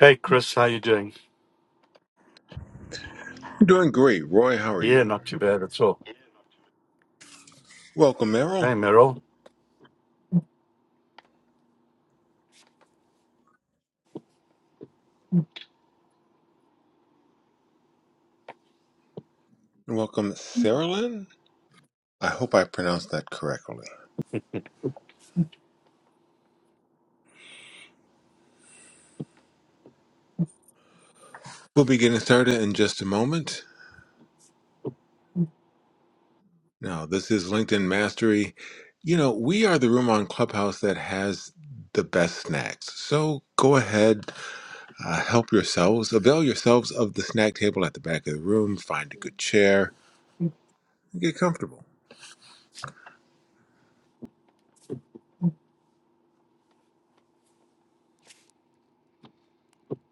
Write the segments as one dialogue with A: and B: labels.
A: Hey Chris, how you doing?
B: I'm doing great. Roy, how are
A: Yeah,
B: you?
A: not too bad at all.
B: Welcome, Errol,
A: Hey Merrill.
B: and welcome, Sarah Lynn. I hope I pronounced that correctly. We'll be getting started in just a moment. Now, this is LinkedIn Mastery. You know, we are the room on Clubhouse that has the best snacks. So go ahead, uh, help yourselves, avail yourselves of the snack table at the back of the room, find a good chair, and get comfortable.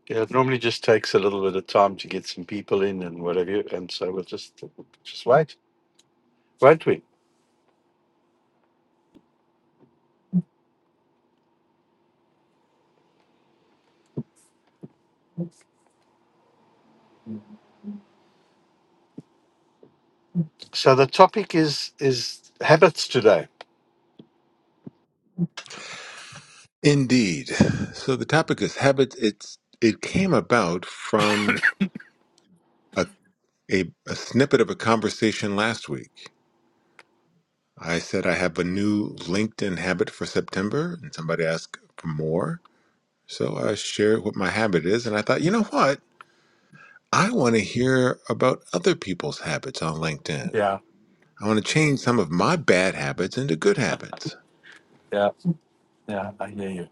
A: Yeah, it normally just takes a little bit of time to get some people in and whatever, and so we'll just just wait, won't we? So the topic is is habits today.
B: Indeed. So the topic is habits. It's it came about from a, a snippet of a conversation last week. I said I have a new LinkedIn habit for September, and somebody asked for more. So I shared what my habit is, and I thought, you know what? I want to hear about other people's habits on LinkedIn.
A: Yeah,
B: I want to change some of my bad habits into good habits.
A: yeah, yeah. I hear you.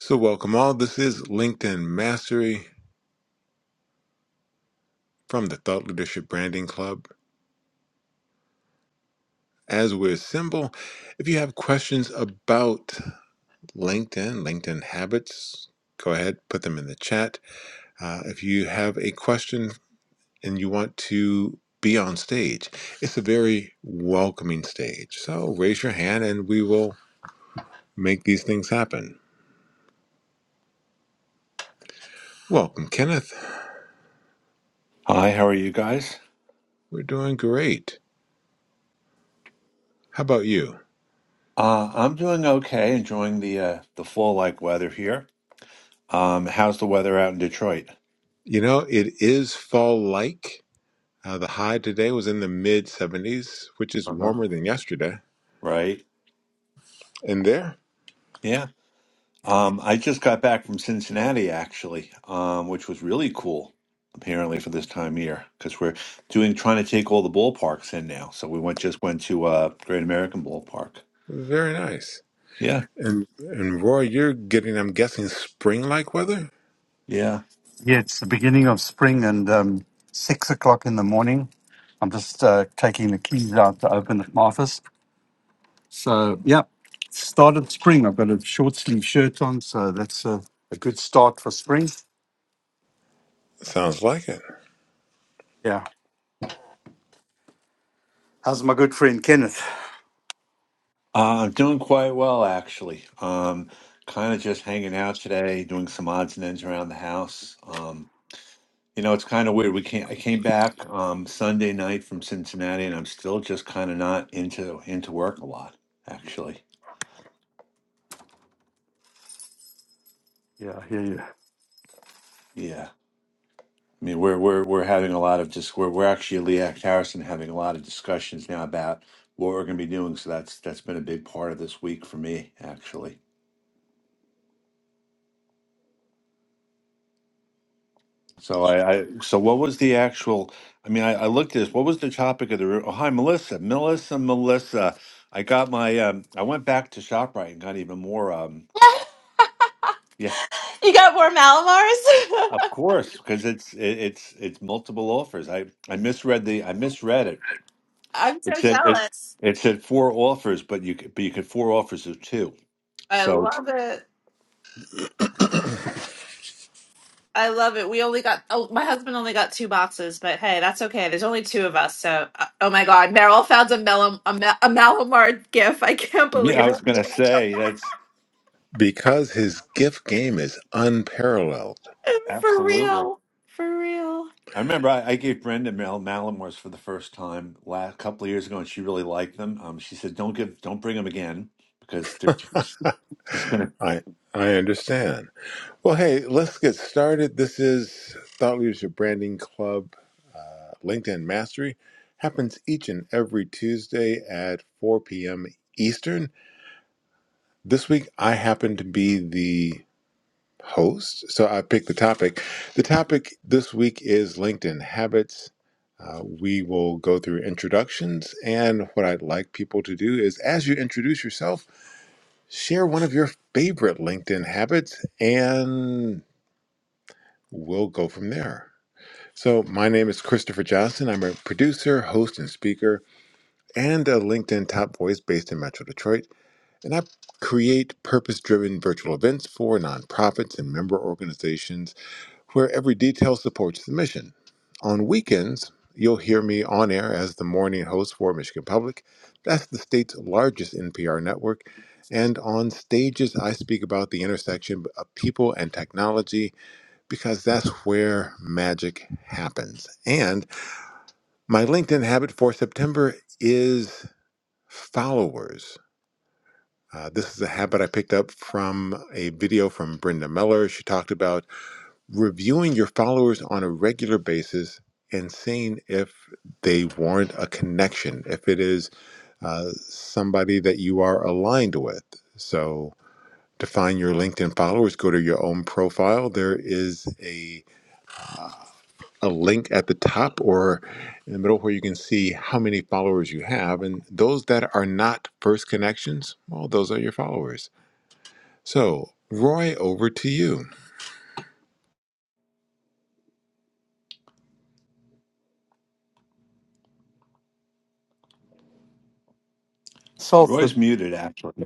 B: So, welcome all. This is LinkedIn Mastery from the Thought Leadership Branding Club. As we're symbol, if you have questions about LinkedIn, LinkedIn habits. Go ahead, put them in the chat. Uh, if you have a question and you want to be on stage, it's a very welcoming stage. So raise your hand and we will make these things happen. Welcome, Kenneth.
C: Hi, how are you guys?
B: We're doing great. How about you?
C: Uh, I'm doing okay, enjoying the uh, the fall like weather here. Um, how's the weather out in Detroit?
B: You know, it is fall like. Uh, the high today was in the mid 70s, which is
C: Uh-huh.
B: warmer than yesterday.
C: Right?
B: And there,
C: Yeah. Um, I just got back from Cincinnati actually, um, which was really cool apparently for this time of year because we're doing trying to take all the ballparks in now. So we went just went to uh, Great American Ballpark.
B: very nice.
C: Yeah,
B: And and Roy, you're getting, I'm guessing, spring like weather?
C: yeah.
A: Yeah, it's the beginning of spring, and um, six o'clock in the morning. I'm just uh, taking the keys out to open up my office. So yeah, started spring. I've got a short sleeve shirt on, so that's a, a good start for spring.
B: Sounds like it.
A: Yeah. How's my good friend Kenneth?
C: Uh, I'm doing quite well actually. Um, kind of just hanging out today, doing some odds and ends around the house. Um, You know, it's kind of weird. We came, I came back um, Sunday night from Cincinnati, and I'm still just kind of not into into work a lot, actually.
A: Yeah, I hear you.
C: Yeah, I mean, we're we're we're having a lot of just we're we're actually Lee Act Harrison having a lot of discussions now about what we're going to be doing. So that's that's been a big part of this week for me, actually. So I, I so what was the actual? I mean, I, I looked at this. What was the topic of the room? Oh, hi, Melissa, Melissa, Melissa. I got my um, I went back to Shoprite and got even more um. Yeah,
D: You got more Malamars?
C: Of course, because it's it, it's it's multiple offers. I I misread the I misread it.
D: I'm
C: It
D: so
C: said it
D: jealous.
C: it said four offers, but you could- but you could four offers of two.
D: I
C: So
D: love it. I love it. We only got, oh, my husband only got two boxes, but hey, that's okay. There's only two of us. So, uh, oh my God, Meryl found a, Mel- a, Ma- a Malamar gif. I can't
C: yeah, I
D: believe
C: was gonna say that's
B: Because his gift game is unparalleled.
D: it. For
C: absolutely.
D: real. For real.
C: I remember I, I gave Brenda Mal Malamores for the first time last couple of years ago, and she really liked them. Um, she said don't give don't bring them again because they're just just gonna.
B: I I understand. Well, hey, let's get started. This is Thought Leadership Branding Club uh, LinkedIn Mastery. Happens each and every Tuesday at 4 p.m. Eastern. This week, I happen to be the host. So I picked the topic. The topic this week is LinkedIn habits. Uh, we will go through introductions. And what I'd like people to do is, as you introduce yourself, share one of your favorite LinkedIn habits, and we'll go from there. So, my name is Christopher Johnson. I'm a producer, host, and speaker, and a LinkedIn top voice based in Metro Detroit. And I create purpose driven virtual events for nonprofits and member organizations where every detail supports the mission. On weekends, you'll hear me on air as the morning host for Michigan Public. That's the state's largest NPR network. And on stages, I speak about the intersection of people and technology because that's where magic happens. And my LinkedIn habit for September is followers. Uh, this is a habit I picked up from a video from Brenda Miller. She talked about reviewing your followers on a regular basis and seeing if they warrant a connection, if it is uh, somebody that you are aligned with. So to find your LinkedIn followers, go to your own profile. There is a a link at the top or in the middle where you can see how many followers you have. And those that are not first connections, well, those are your followers. So, Roy, over to you.
A: Solve
C: Roy's
A: the,
C: muted actually.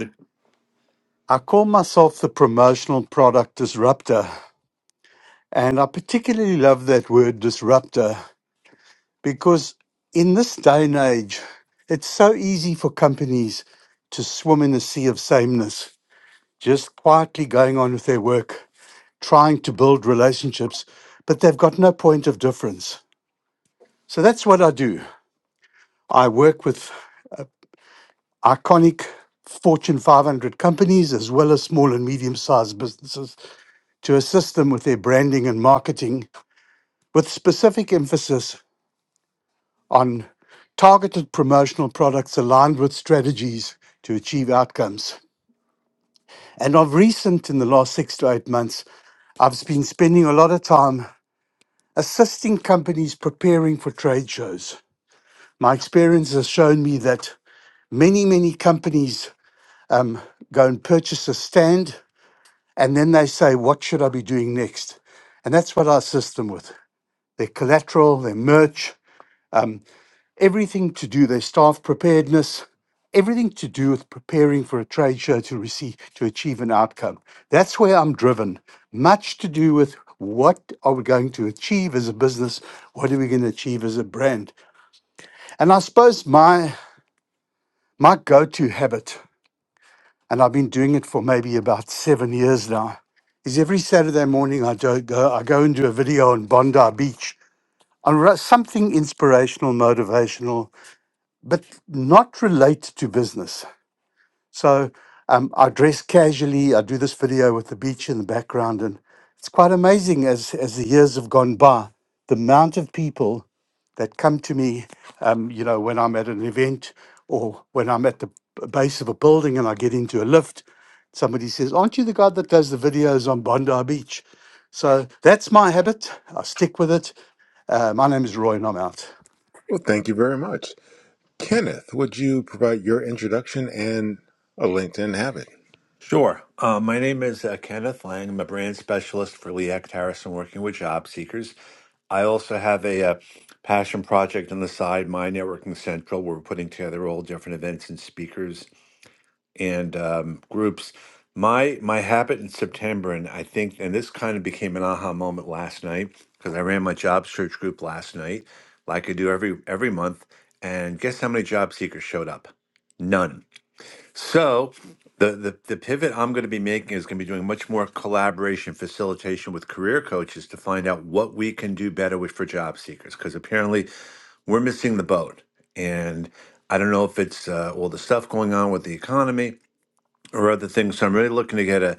A: I call myself the promotional product disruptor. And I particularly love that word disruptor because in this day and age, it's so easy for companies to swim in the sea of sameness, just quietly going on with their work, trying to build relationships, but they've got no point of difference. So that's what I do. I work with iconic Fortune 500 companies as well as small and medium sized businesses to assist them with their branding and marketing with specific emphasis on targeted promotional products aligned with strategies to achieve outcomes. And of recent, in the last six to eight months, I've been spending a lot of time assisting companies preparing for trade shows. My experience has shown me that many, many companies um, go and purchase a stand And then they say, what should I be doing next? And that's what I assist them with their collateral, their merch, um, everything to do, their staff preparedness, everything to do with preparing for a trade show to receive, to achieve an outcome. That's where I'm driven. Much to do with what are we going to achieve as a business? What are we going to achieve as a brand? And I suppose my my go-to habit and I've been doing it for maybe about seven years now, is every Saturday morning I do go, I go and do a video on Bondi Beach on ru- something inspirational, motivational, but not related to business. So um, I dress casually. I do this video with the beach in the background, and it's quite amazing as as the years have gone by, the amount of people that come to me, um, you know, when I'm at an event or when I'm at the b- base of a building and I get into a lift, somebody says, "Aren't you the guy that does the videos on Bondi Beach?" So that's my habit. I stick with it. Uh, my name is Roy, and I'm out.
B: Well, thank you very much. Kenneth, would you provide your introduction and a LinkedIn habit?
C: Sure. Uh, my name is uh, Kenneth Lang. I'm a brand specialist for Lee Act Harrison, working with job seekers. I also have a, uh passion project on the side, My Networking Central, where we're putting together all different events and speakers and um, groups. My my habit in September, and I think, and this kind of became an aha moment last night because I ran my job search group last night, like I do every every month. And guess how many job seekers showed up? None so the, the the pivot I'm going to be making is going to be doing much more collaboration facilitation with career coaches to find out what we can do better with for job seekers because apparently we're missing the boat and I don't know if it's uh, all the stuff going on with the economy or other things. So I'm really looking to get a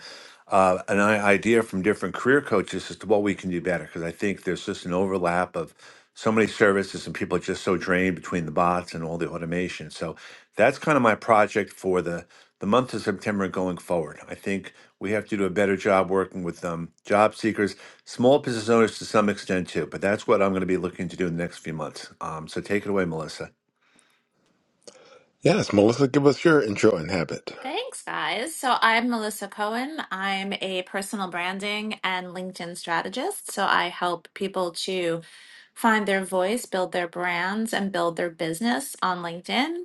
C: uh, an i- idea from different career coaches as to what we can do better because I think there's just an overlap of so many services and people are just so drained between the bots and all the automation. So that's kind of my project for the the month of September going forward. I think we have to do a better job working with um, job seekers, small business owners to some extent too. But that's what I'm going to be looking to do in the next few months. Um, so take it away, Melissa.
B: Yes, Melissa, give us your intro and habit.
D: Thanks, guys. So, I'm Melissa Cohen. I'm a personal branding and LinkedIn strategist. So, I help people to find their voice, build their brands, and build their business on LinkedIn.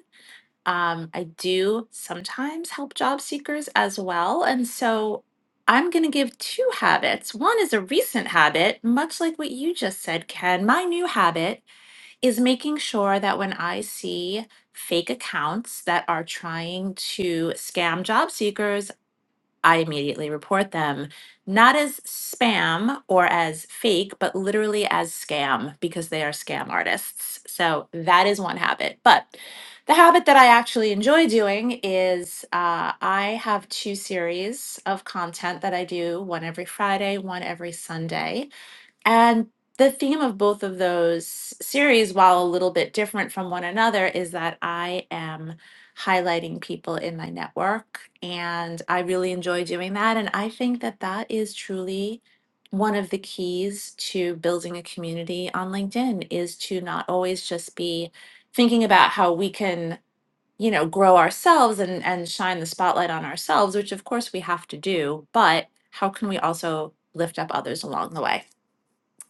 D: Um, I do sometimes help job seekers as well. And so I'm going to give two habits. One is a recent habit, much like what you just said, Ken. My new habit is making sure that when I see fake accounts that are trying to scam job seekers I immediately report them, not as spam or as fake, but literally as scam because they are scam artists. So that is one habit. But the habit that I actually enjoy doing is uh, I have two series of content that I do one every Friday, one every Sunday and the theme of both of those series, while a little bit different from one another, is that I am highlighting people in my network. And I really enjoy doing that. And I think that that is truly one of the keys to building a community on LinkedIn is to not always just be thinking about how we can you know grow ourselves and and shine the spotlight on ourselves which of course we have to do but how can we also lift up others along the way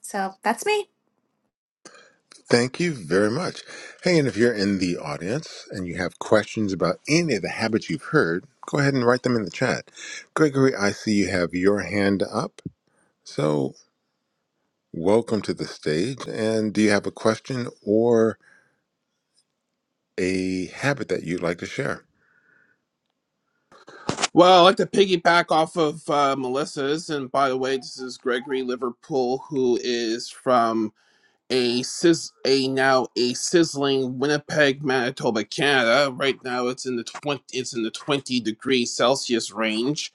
D: so that's me.
B: Thank you very much. Hey, and if you're in the audience and you have questions about any of the habits you've heard, go ahead and write them in the chat. Gregory, I see you have your hand up. So, welcome to the stage. And do you have a question or a habit that you'd like to share?
E: Well, I'd like to piggyback off of uh, Melissa's. And by the way, this is Gregory Liverpool, who is from a, sizz- a now a sizzling Winnipeg, Manitoba, Canada. Right now, it's in the twenty it's in the twenty degrees Celsius range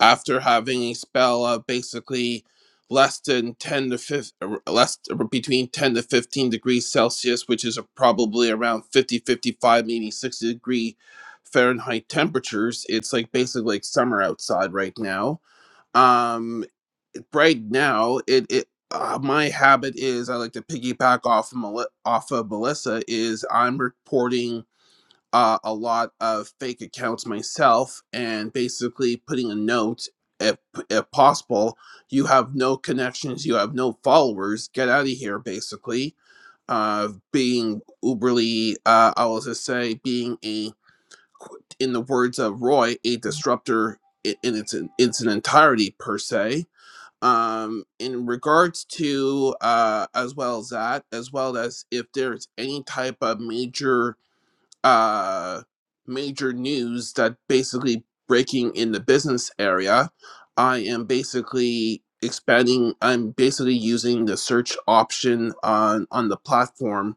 E: after having a spell of basically less than 10 to 15 less er, between 10 to 15 degrees celsius which is a, probably around 50 55, maybe 60 degree fahrenheit temperatures it's like basically like summer outside right now um right now it, it uh, my habit is i like to piggyback off of Meli- off of melissa is i'm reporting uh, a lot of fake accounts myself and basically putting a note if, if possible you have no connections you have no followers get out of here basically uh, being uberly uh, i will just say being a in the words of roy a disruptor i- in its in its entirety per se um in regards to uh as well as that as well as if there's any type of major uh, major news that basically breaking in the business area. I am basically expanding. I'm basically using the search option on on the platform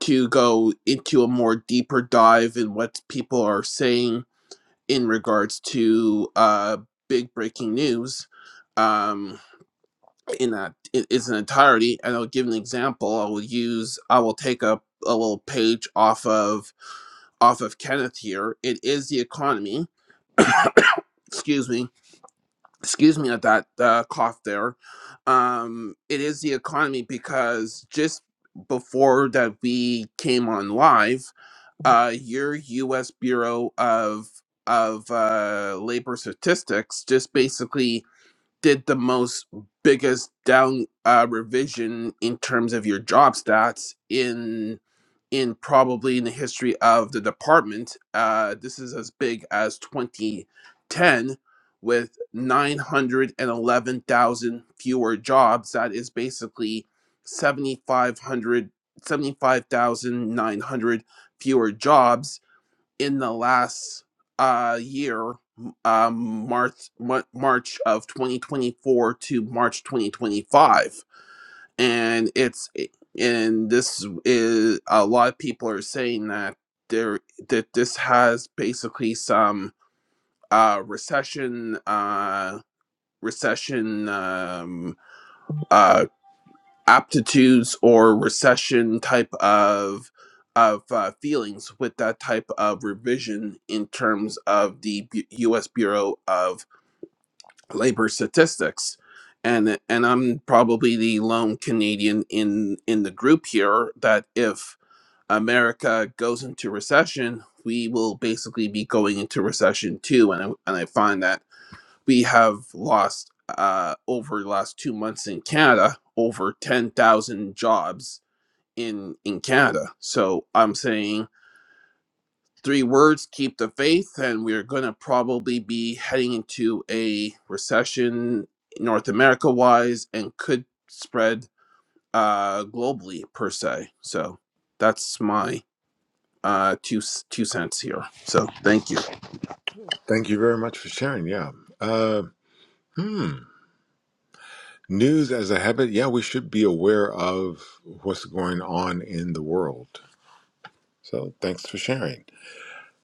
E: to go into a more deeper dive in what people are saying in regards to uh, big breaking news um in that it is an entirety and i'll give an example i will use i will take a, a little page off of off of Kenneth here. It is the economy. excuse me excuse me at that uh, cough there um it is the economy because just before that we came on live uh your us bureau of of uh labor statistics just basically did the most biggest down uh revision in terms of your job stats in in probably in the history of the department. Uh, this is as big as 2010 with 911,000 fewer jobs. That is basically 7,500, 75,900 fewer jobs in the last uh, year, um, March, Mar- March of 2024 to March 2025 and it's eh, and this is a lot of people are saying that there that this has basically some uh recession uh recession um uh aptitudes or recession type of of uh, feelings with that type of revision in terms of the Bu- U.S. Bureau of labor statistics and and i'm probably the lone canadian in in the group here that if america goes into recession we will basically be going into recession too and i, and I find that we have lost uh, over the last two months in canada over 10000 jobs in in canada so i'm saying three words keep the faith and we're going to probably be heading into a recession north america wise and could spread uh globally per se so that's my uh two two cents here so thank you
B: Thank you very much for sharing. Yeah. Uh, News as a habit, yeah, we should be aware of what's going on in the world. So thanks for sharing.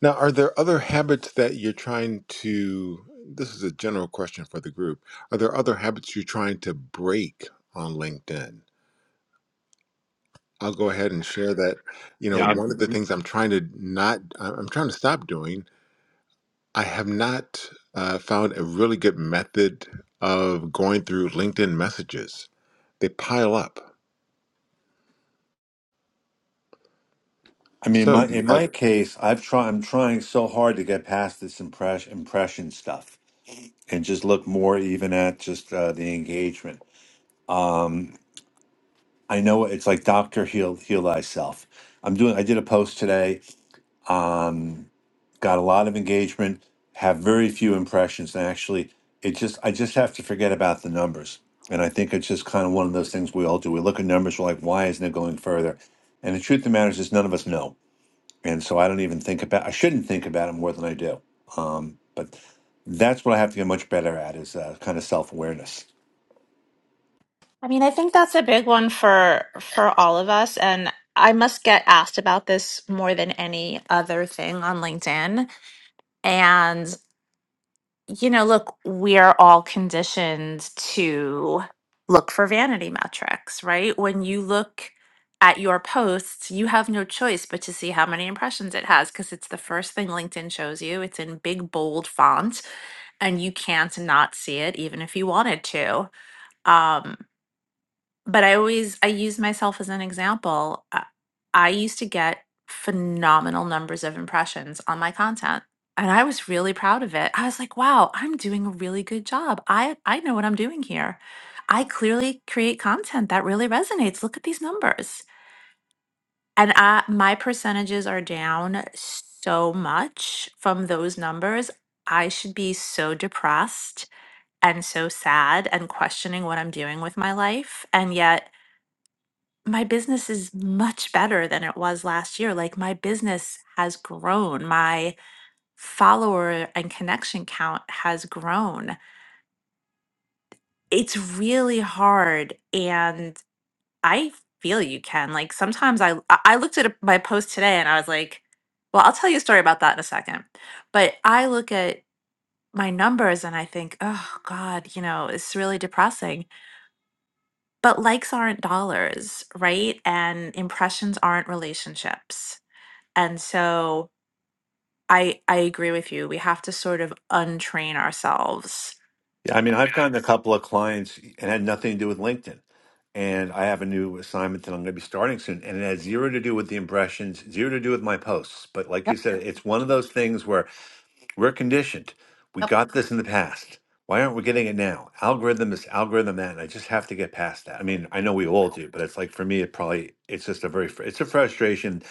B: Now, are there other habits that you're trying to? This is a general question for the group. Are there other habits you're trying to break on LinkedIn? I'll go ahead and share that. You know, one of the things I'm trying to not, I- I'm trying to stop doing, I have not uh, found a really good method of going through LinkedIn messages. They pile up.
C: I mean,
B: So,
C: my
B: do
C: in
B: you have
C: my case, I've try I'm trying so hard to get past this impression impression stuff and just look more even at just uh, the engagement. I know it's like Doctor Heal Heal Thyself. I'm doing. I did a post today. Um, got a lot of engagement. Have very few impressions. And actually, it just I just have to forget about the numbers. And I think it's just kind of one of those things we all do. We look at numbers. We're like, why isn't it going further? And the truth of the matter is, just none of us know and so I don't even think about. I shouldn't think about it more than I do. Um, but that's what I have to get much better at is uh, kind of self awareness.
D: I mean, I think that's a big one for for all of us and I must get asked about this more than any other thing on LinkedIn. And you know, look, we are all conditioned to look for vanity metrics, right? When you look at your posts, you have no choice but to see how many impressions it has because it's the first thing LinkedIn shows you. It's in big bold font and you can't not see it even if you wanted to. Um but I always I use myself as an example. I, I used to get phenomenal numbers of impressions on my content and I was really proud of it. I was like, "Wow, I'm doing a really good job. I I know what I'm doing here. I clearly create content that really resonates. Look at these numbers." And I, my percentages are down so much from those numbers. I should be so depressed and so sad and questioning what I'm doing with my life. And yet my business is much better than it was last year. Like my business has grown. My follower and connection count has grown. It's really hard and I feel you can. Like sometimes I I I looked at my post today and I was like, well, I'll tell you a story about that in a second. But I look at my numbers and I think, oh God, you know, it's really depressing. But likes aren't dollars, right? And impressions aren't relationships And so I I agree with you. We have to sort of untrain ourselves.
C: Yeah, I mean, I've gotten a couple of clients and had nothing to do with LinkedIn, and I have a new assignment that I'm going to be starting soon, and it has zero to do with the impressions, zero to do with my posts. But like you said, it's one of those things where We're conditioned. We
D: Yep.
C: got this in the past. Why aren't we getting it now? Algorithm is algorithm that, and I just have to get past that. I mean, I know we all do, but it's like for me, it probably it's just a very fr- it's a frustration,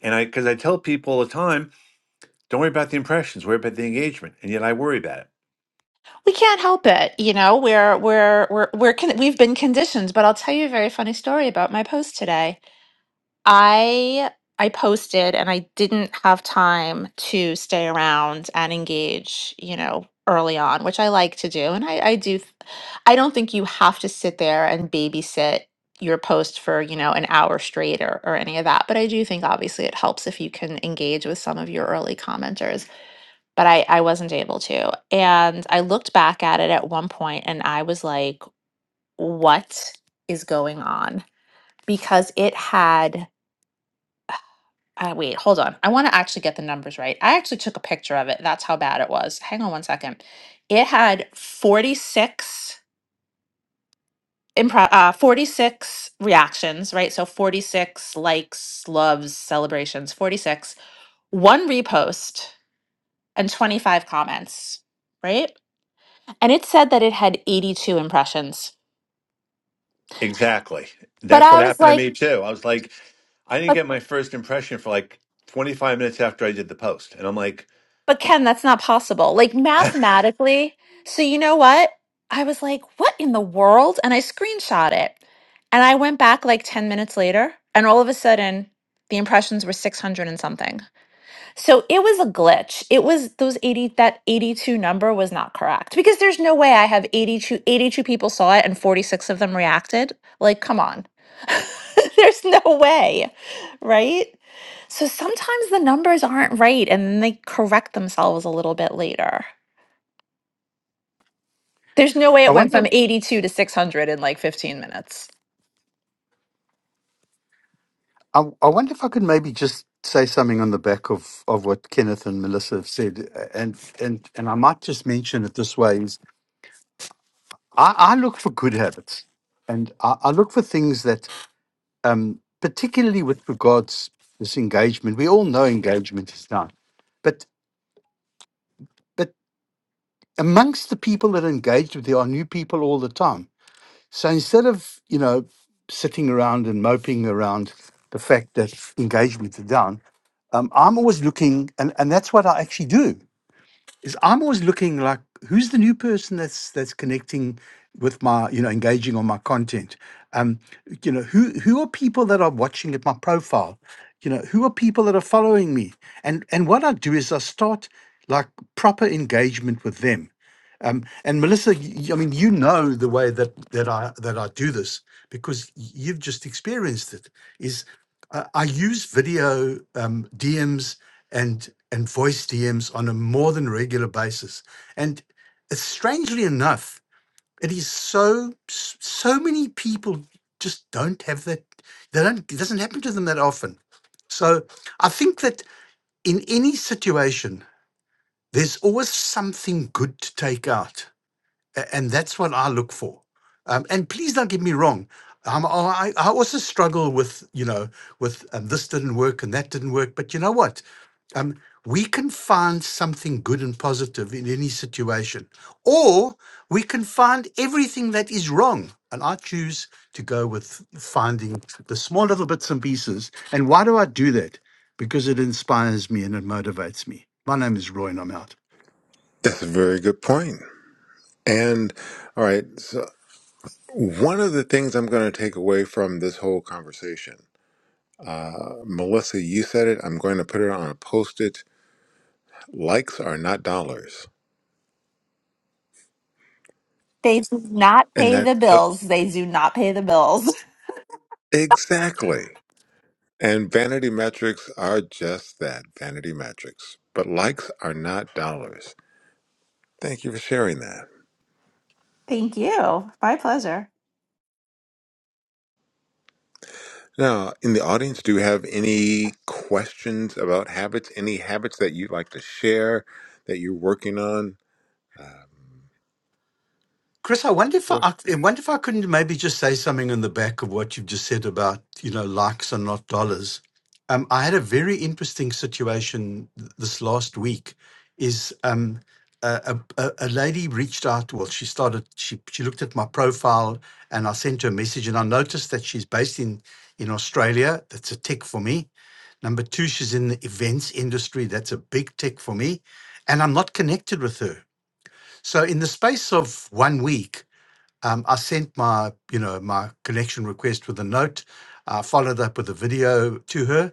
C: and I because I tell people all the time, don't worry about the impressions, worry about the engagement, and yet I worry about it.
D: We can't help it, you know. We're we're we're we're con- we've been conditioned. But I'll tell you a very funny story about my post today. I I posted and I didn't have time to stay around and engage, you know, early on, which I like to do. And I, I do th- I don't think you have to sit there and babysit your post for, you know, an hour straight or, or any of that. But I do think obviously it helps if you can engage with some of your early commenters. But I, I wasn't able to. And I looked back at it at one point and I was like, what is going on? Because it had uh, wait, hold on. I want to actually get the numbers right. I actually took a picture of it. That's how bad it was. Hang on one second. It had 46 improv uh 46 reactions, right? So 46 likes, loves, celebrations, 46, one repost and 25 comments, right? And it said that it had 82 impressions.
C: Exactly,
D: But
C: that's
D: I
C: what
D: was
C: happened to
D: like,
C: me too. I was like, I didn't get my first impression for like 25 minutes after I did the post, and I'm like.
D: But Ken, that's not possible. Like mathematically. So you know what? I was like, what in the world? And I screenshot it. And I went back like 10 minutes later, and all of a sudden, the impressions were 600 and something. So it was a glitch. It was those 80 that 82 number was not correct because there's no way I have 82 82 people saw it and 46 of them reacted. Like come on. there's no way. Right? So sometimes the numbers aren't right and then they correct themselves a little bit later. There's no way
A: I
D: it went
A: wonder.
D: from 82 to 600 in like 15 minutes.
A: I, I wonder if I could maybe just say something on the back of, of what Kenneth and Melissa have said, and and and I might just mention it this way: is I, I look for good habits, and I, I look for things that, um, particularly with regards this engagement. We all know engagement is down, but but amongst the people that are engaged with, there are new people all the time. So instead of, you know, sitting around and moping around the fact that engagement is down, um, I'm always looking, and, and that's what I actually do, is I'm always looking like, who's the new person that's that's connecting with my, you know, engaging on my content? Um, you know, who who are people that are watching at my profile? You know, who are people that are following me? And and what I do is I start like proper engagement with them um, and Melissa, y- y- I mean, you know the way that that I that I do this because you've just experienced it. Is uh, I use video um, DMs and and voice DMs on a more than regular basis, and strangely enough, it is so s- so many people just don't have that. They don't. It doesn't happen to them that often. So I think that in any situation, there's always something good to take out a- and that's what I look for. Um, and please don't get me wrong. Um, I, I also struggle with you know with um, this didn't work and that didn't work. But you know what? Um, we can find something good and positive in any situation, or we can find everything that is wrong. And I choose to go with finding the small little bits and pieces. And why do I do that? Because it inspires me and it motivates me. My name is Roy, and I'm out.
B: That's a very good point. And all right, so one of the things I'm going to take away from this whole conversation, uh, Melissa, you said it. I'm going to put it on a post-it. Likes are not dollars,
D: They do not
B: and
D: pay the
B: that's so,
D: bills. They do not pay the bills.
B: exactly. And vanity metrics are just that, vanity metrics. But likes are not dollars. Thank you for sharing that.
D: Thank you. My pleasure.
B: Now, in the audience, do you have any questions about habits? Any habits that you'd like to share that you're working on? Um,
A: Chris, I wonder if I,
B: Boy,
A: I wonder if I couldn't maybe just say something in the back of what you've just said about you know likes and not dollars. Um, I had a very interesting situation th- this last week. Is um, a, a, a a lady reached out? Well, she started. She she looked at my profile, and I sent her a message, and I noticed that she's based in in Australia. That's a tick for me. Number two, she's in the events industry. That's a big tick for me, and I'm not connected with her. So in the space of one week. Um, I sent my, you know, my connection request with a note. I followed up with a video to her.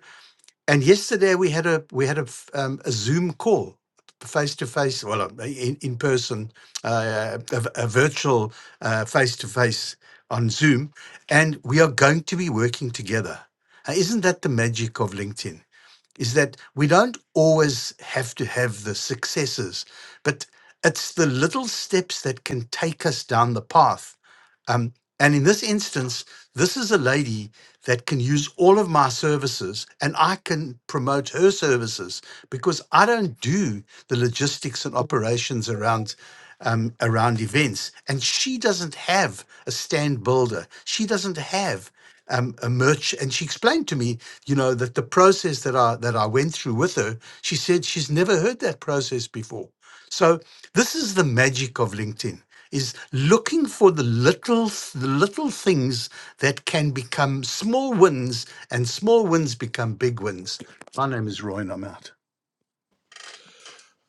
A: And yesterday we had a we had a, f- um, a Zoom call, face to face, well, uh, in, in person, uh, a, v- a virtual face to face on Zoom, and we are going to be working together. Uh, isn't that the magic of LinkedIn? Is that we don't always have to have the successes, but it's the little steps that can take us down the path um, and in this instance, this is a lady that can use all of my services and I can promote her services because I don't do the logistics and operations around. Um, around events, and she doesn't have a stand builder. She doesn't have um, a merch, and she explained to me, you know, that the process that I that I went through with her. She said she's never heard that process before, so this is the magic of LinkedIn is looking for the little the little things that can become small wins and small wins become big wins. My name is Roy and I'm out.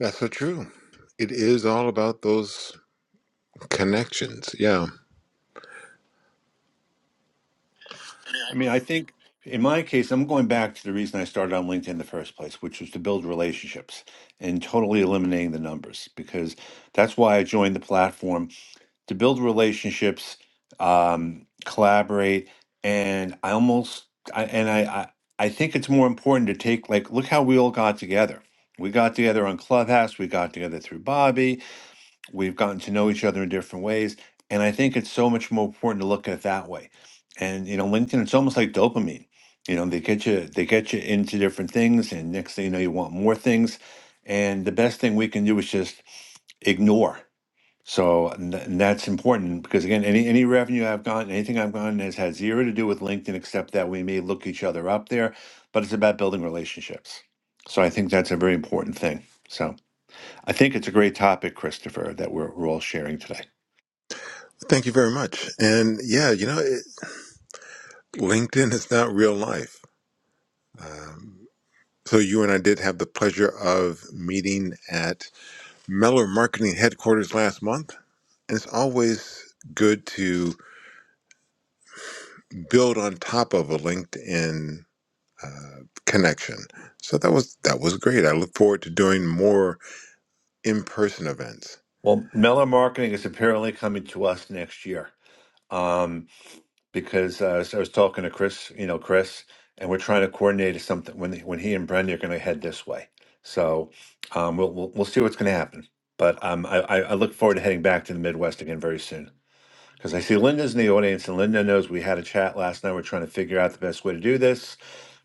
B: That's so true. It is all about those connections. Yeah.
C: I mean, I think in my case, I'm going back to the reason I started on LinkedIn in the first place, which was to build relationships and totally eliminating the numbers because that's why I joined the platform to build relationships, um, collaborate, and I almost I, and I, I I think it's more important to take like look how we all got together. We got together on Clubhouse. We got together through Bobby. We've gotten to know each other in different ways. And I think it's so much more important to look at it that way. And you know, LinkedIn, it's almost like dopamine. You know, they get you they get you into different things, and next thing you know, you want more things. And the best thing we can do is just ignore. So and th- and that's important because again, any any revenue I've gotten, anything I've gotten has had zero to do with LinkedIn, except that we may look each other up there, but it's about building relationships. So I think that's a very important thing. So. I think it's a great topic, Christopher, that we're, we're all sharing today.
B: Thank you very much. And yeah, you know, it, LinkedIn is not real life. So you and I did have the pleasure of meeting at Mellor Marketing headquarters last month. And it's always good to build on top of a LinkedIn uh, connection. So that was that was great. I look forward to doing more in-person events.
C: Well, Mellor Marketing is apparently coming to us next year um, because uh, so I was talking to Chris, you know, Chris, and we're trying to coordinate something when when he and Brenda are going to head this way. So um, we'll, we'll we'll see what's going to happen. But um, I, I I look forward to heading back to the Midwest again very soon because I see Linda's in the audience, and Linda knows we had a chat last night. We're trying to figure out the best way to do this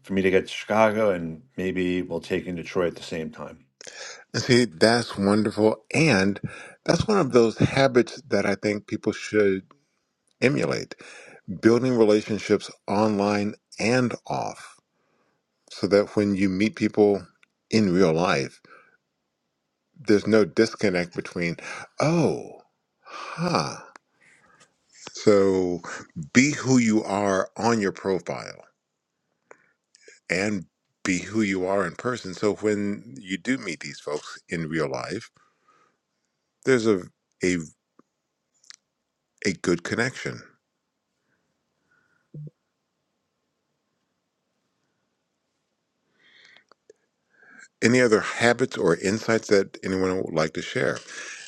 C: for me to get to Chicago, and maybe we'll take in Detroit at the same time.
B: See, that's wonderful. And that's one of those habits that I think people should emulate building relationships online and off, so that when you meet people in real life, there's no disconnect between, oh, huh. So be who you are on your profile and be who you are in person. So when you do meet these folks in real life, there's a, a, a good connection. Any other habits or insights that anyone would like to share?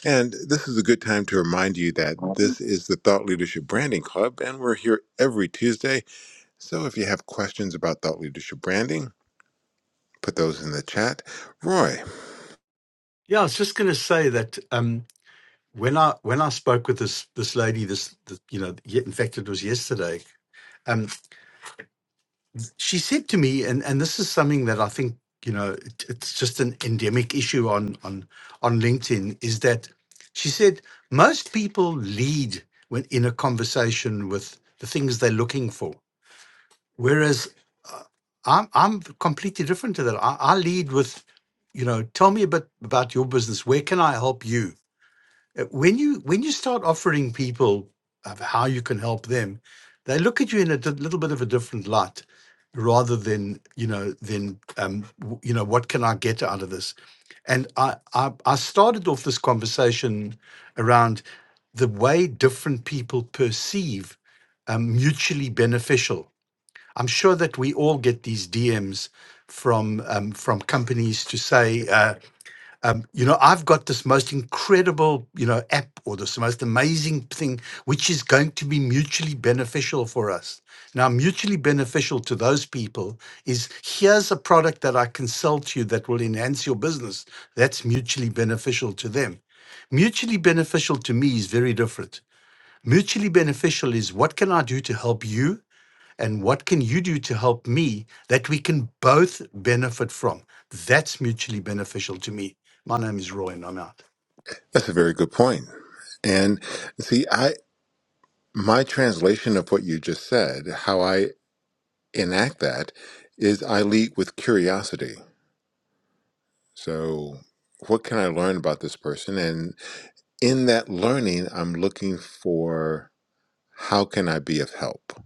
B: And this is a good time to remind you that this is the Thought Leadership Branding Club, and we're here every Tuesday. So if you have questions about thought leadership branding, put those in the chat. Roy,
A: Yeah, I was just going to say that um, when I when I spoke with this this lady this, this you know ye- in fact it was yesterday Um, she said to me, and and this is something that I think you know it, it's just an endemic issue on on on LinkedIn is that she said most people lead when in a conversation with the things they're looking for, whereas uh, I'm I'm completely different to that. I, I lead with you know tell me a bit about your business. Where can I help you? Uh, When you when you start offering people of how you can help them, they look at you in a di- little bit of a different light, rather than you know than um, w- you know what can I get out of this? And I, I I started off this conversation around the way different people perceive um, mutually beneficial. I'm sure that we all get these DMs from um, from companies to say. uh, you know, I've got this most incredible, you know, app or this most amazing thing, which is going to be mutually beneficial for us. Now, mutually beneficial to those people is here's a product that I can sell to you that will enhance your business. That's mutually beneficial to them. Mutually beneficial to me is very different. Mutually beneficial is what can I do to help you and what can you do to help me that we can both benefit from? That's mutually beneficial to me. My name is Roy, and I'm out.
B: that's a very good point. And see, I my translation of what you just said, how I enact that, is I lead with curiosity. So, what can I learn about this person, and? in that learning, I'm looking for how can I be of help?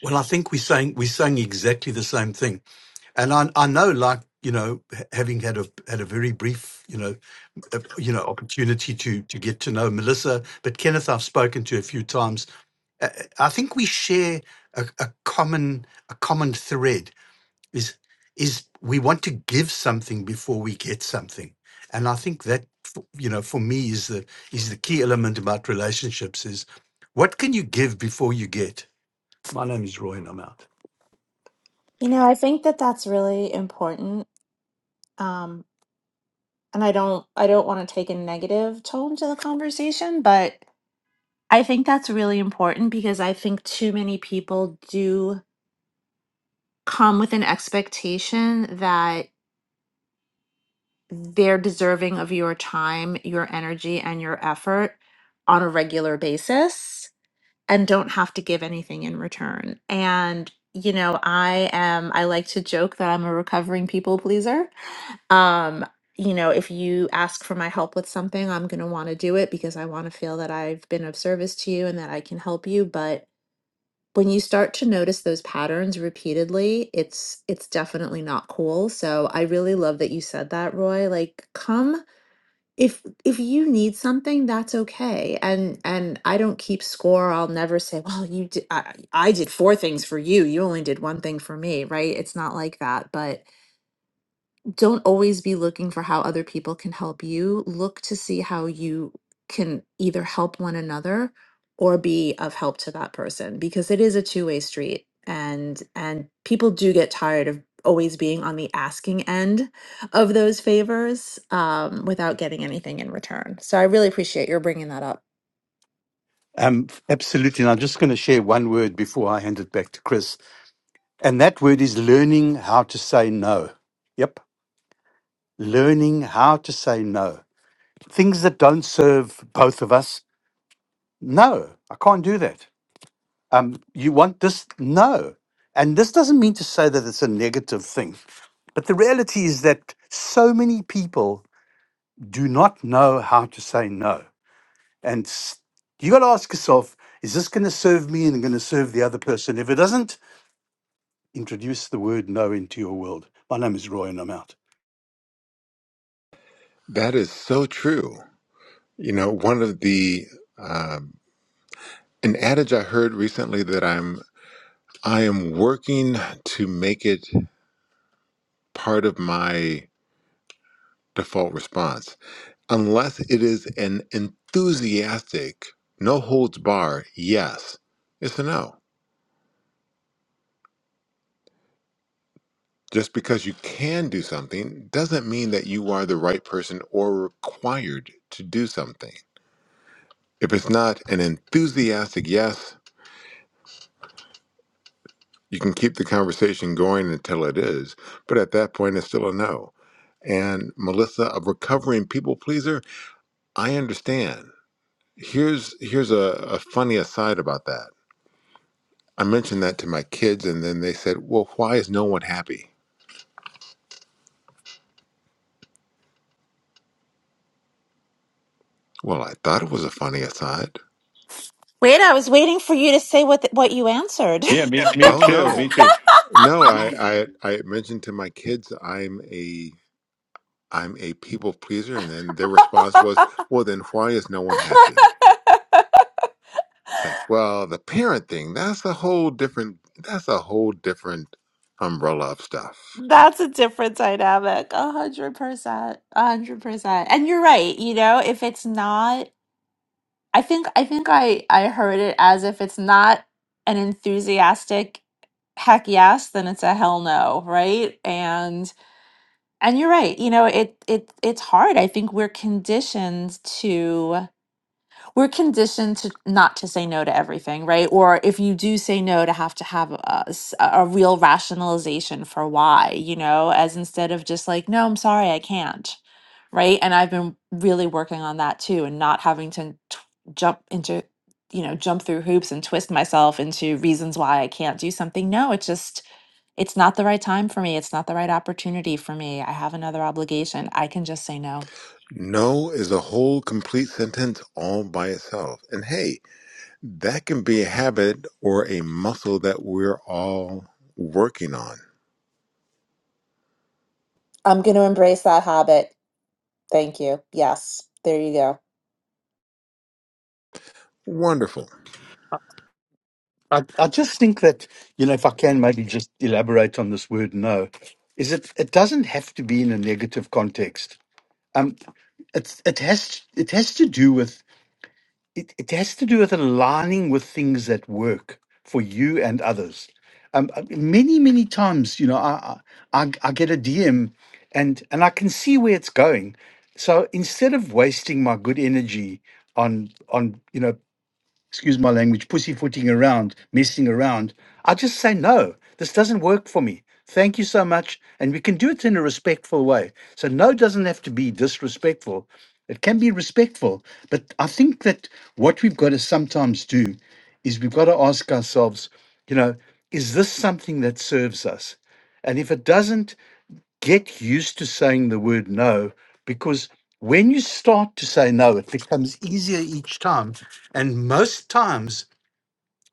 A: Well, I think we're saying we're saying exactly the same thing, and I, I know, like you know, ha- having had a had a very brief, you know, uh, you know, opportunity to to get to know Melissa, but Kenneth, I've spoken to a few times. Uh, uh, I think we share a, a common a common thread is is we want to give something before we get something and i think that f- you know for me is the is the key element about relationships is what can you give before you get my name is roy and i'm out
D: You know, I think that that's really important. Um, and I don't I don't want to take a negative tone to the conversation, but I think that's really important because I think too many people do come with an expectation that they're deserving of your time, your energy, and your effort on a regular basis and don't have to give anything in return. And, you know, I am, I like to joke that I'm a recovering people pleaser. Um, you know, if you ask for my help with something, I'm going to want to do it because I want to feel that I've been of service to you and that I can help you. But when you start to notice those patterns repeatedly it's it's definitely not cool so i really love that you said that roy like come if if you need something that's okay and and i don't keep score i'll never say well you did, I, I did four things for you you only did one thing for me right it's not like that but don't always be looking for how other people can help you. Look to see how you can either help one another or be of help to that person because it is a two-way street and and people do get tired of always being on the asking end of those favors um, without getting anything in return. So I really appreciate your bringing that up.
A: um, absolutely. And I'm just going to share one word before I hand it back to Chris. And that word is learning how to say no. Yep. Learning how to say no. Things that don't serve both of us. No, I can't do that. um, you want this? No. And this doesn't mean to say that it's a negative thing. But the reality is that so many people do not know how to say no. And s- you got to ask yourself is this going to serve me and going to serve the other person? If it doesn't, introduce the word no into your world. My name is Roy and I'm out.
B: That is so true. You know, one of the um, an adage I heard recently that I'm I am working to make it part of my default response, unless it is an enthusiastic, no holds bar yes. It's a no. Just because you can do something doesn't mean that you are the right person or required to do something. If it's not an enthusiastic yes, you can keep the conversation going until it is, but at that point, it's still a no. And Melissa, a recovering people pleaser, I understand. Here's here's a, a funny aside about that. I mentioned that to my kids, and then they said, "Well, why is no one happy?" Well, I thought it was a funny aside.
D: Wait, I was waiting for you to say what th- what you answered.
C: Yeah, me, me
B: Oh
C: too. Me
B: no,
C: too.
B: no, I I, I mentioned to my kids I'm a I'm a people pleaser, and then their response was,
D: Yeah,
B: "Well, then why is no one happy?"
D: me.
B: It's like, well, the parent thing, that's a whole different that's a whole different umbrella of stuff.
D: That's a different dynamic. A hundred percent. A hundred percent. And you're right, you know, if it's not I think I think I I heard it as if it's not an enthusiastic heck yes, then it's a hell no, right? And and you're right, you know, it it it's hard. I think we're conditioned to we're conditioned to not to say no to everything, right? Or if you do say no, to have to have a, s- a real rationalization for why, you know, as instead of just like, no, I'm sorry, I can't, right? And I've been really working on that too, and not having to t- jump into, you know, jump through hoops and twist myself into reasons why I can't do something. No, it's just, it's not the right time for me. It's not the right opportunity for me. I have another obligation. I can just say no.
B: No is a whole complete sentence all by itself. And hey, that can be a habit or a muscle that we're all working on.
D: I'm going to embrace that habit Thank you. Yes, there you go.
B: Wonderful.
A: I, I just think that, you know, if I can maybe just elaborate on this word no, is it, it doesn't have to be in a negative context. Um, it's, it has it has to do with it, it has to do with aligning with things that work for you and others. Um, uh, many, many times, you know, I, I, I I get a DM and, and I can see where it's going. So instead of wasting my good energy on, on, you know, excuse my language, pussyfooting around, messing around. I just say, no, this doesn't work for me. Thank you so much. And we can do it in a respectful way. So, no doesn't have to be disrespectful. It can be respectful. But I think that what we've got to sometimes do is we've got to ask ourselves, you know, is this something that serves us? And if it doesn't, get used to saying the word no because when you start to say no, it becomes easier each time. And most times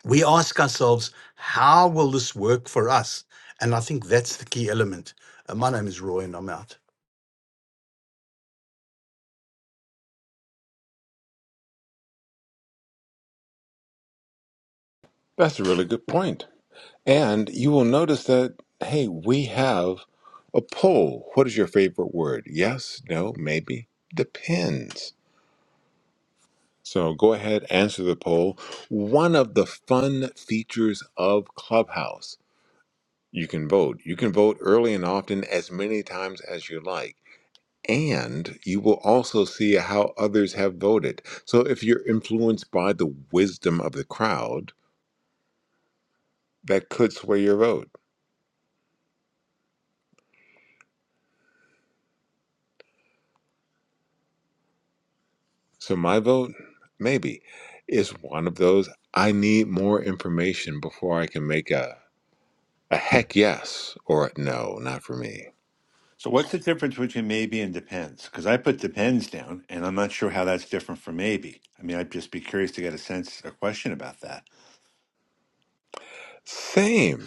A: we ask ourselves, how will this work for us? And I think that's the key element. Uh, my name is Roy and I'm out.
B: That's a really good point. And you will notice that, hey, we have a poll. What is your favorite word? Yes, no, maybe. Depends. So go ahead, answer the poll. One of the fun features of Clubhouse, you can vote. You can vote early and often as many times as you like. And you will also see how others have voted. So if you're influenced by the wisdom of the crowd, that could sway your vote. So my vote, maybe, is one of those I need more information before I can make a, a heck yes or a no, not for me.
C: So, what's the difference between maybe and depends? Because I put depends down, and I'm not sure how that's different from maybe. I mean, I'd just be curious to get a sense or question about that.
B: Same.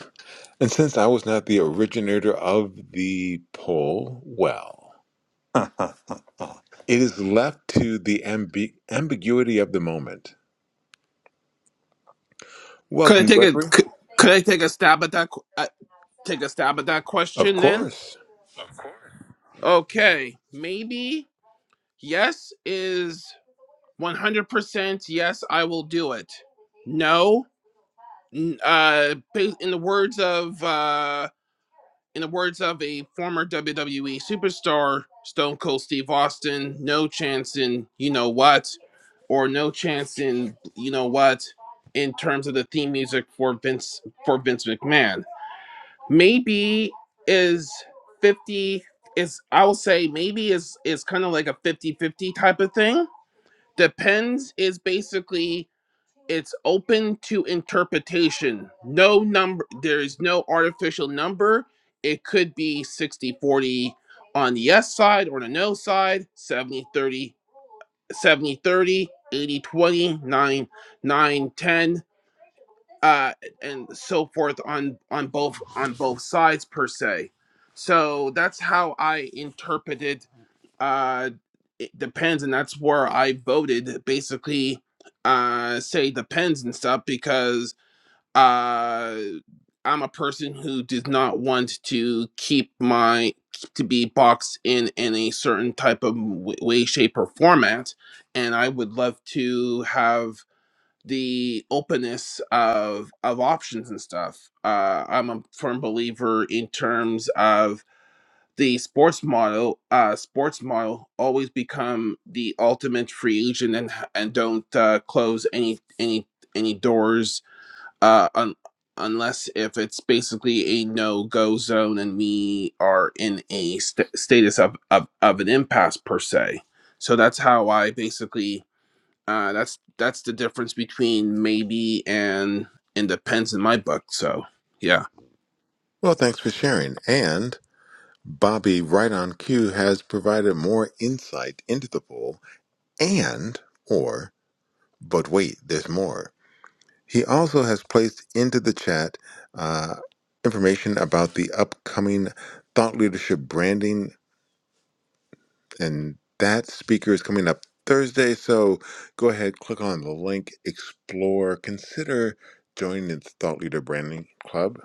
B: And since I was not the originator of the poll, well,
C: I
B: it is left to the ambi- ambiguity of the moment.
E: could i
B: Welcome,
E: take a
B: Gregory.
E: could, could i take a stab at that qu- at, Take a stab at that
B: Of
E: question then.
B: course.
E: Okay, maybe yes is 100% yes, I will do it. No, n- uh, ba- in the words of uh, in the words of a former WWE superstar, Stone Cold Steve Austin, no chance in you know what, or no chance in you know what, in terms of the theme music for Vince for Vince McMahon. maybe is 50 is i will say maybe is is kind of like a 50 50 type of thing depends is basically it's open to interpretation no number there is no artificial number it could be 60 40 on the yes side or the no side Seventy thirty seventy thirty eighty twenty nine nine ten uh, and so forth on on both on both sides per se. So that's how I interpreted. Uh, it depends, and that's where I voted. Basically, uh, say depends and stuff because uh, I'm a person who does not want to keep my to be boxed in in a certain type of w- way, shape, or format, and I would love to have the openness of of options and stuff. Uh, I'm a firm believer in terms of the sports model. Uh, sports model always become the ultimate free agent and and don't uh, close any any any doors uh, un- unless if it's basically a no go zone and we are in a st- status of, of of an impasse per se. So that's how I basically uh, that's that's the difference between maybe and independence in my book. So yeah.
B: Well, thanks for sharing. And Bobby, right on cue, has provided more insight into the poll and, or, but wait, there's more. He also has placed into the chat uh, information about the upcoming Thought Leadership Branding and that speaker is coming up Thursday. So go ahead, click on the link, explore, consider joining the Thought Leader Branding Club.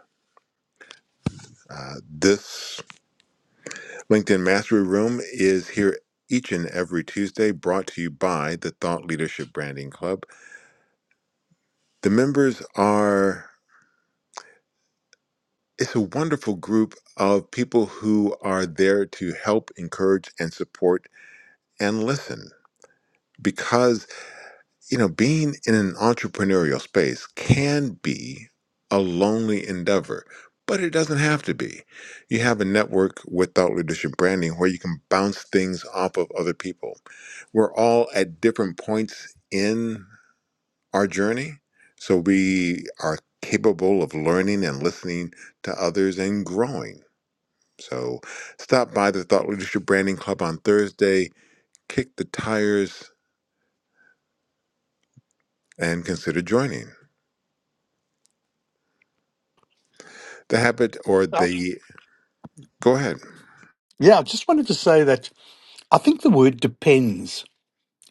B: Uh, this LinkedIn Mastery Room is here each and every Tuesday, brought to you by the Thought Leadership Branding Club. The members are it's a wonderful group of people who are there to help, encourage, and support and listen because. you know, being in an entrepreneurial space can be a lonely endeavor, but it doesn't have to be. You have a network with thought leadership branding where you can bounce things off of other people. We're all at different points in our journey, so we are capable of learning and listening to others and growing. So stop by the Thought Leadership Branding Club on Thursday, kick the tires, and consider joining. The habit or
A: Uh,
B: the go ahead.
A: Yeah, I just wanted to say that I think the word depends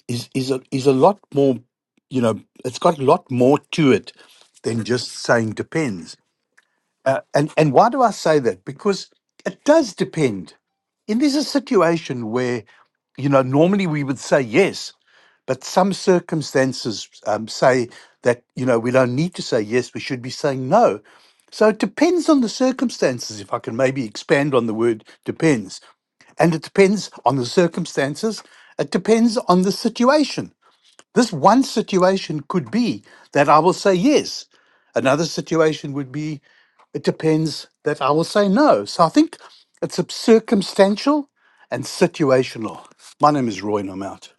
A: is, is, a, is a lot more, you know, it's got a lot more to it than just saying depends. Uh, and, and why do I say that? Because it does depend. And there's a situation where, you know, normally we would say yes, but some circumstances um, say that, you know, we don't need to say yes, we should be saying no. So it depends on the circumstances, if I can maybe expand on the word depends. And it depends on the circumstances, it depends on the situation. This one situation could be that I will say yes. Another situation would be it depends that I will say no. So I think it's a circumstantial and situational. My name is Roy, and I'm out.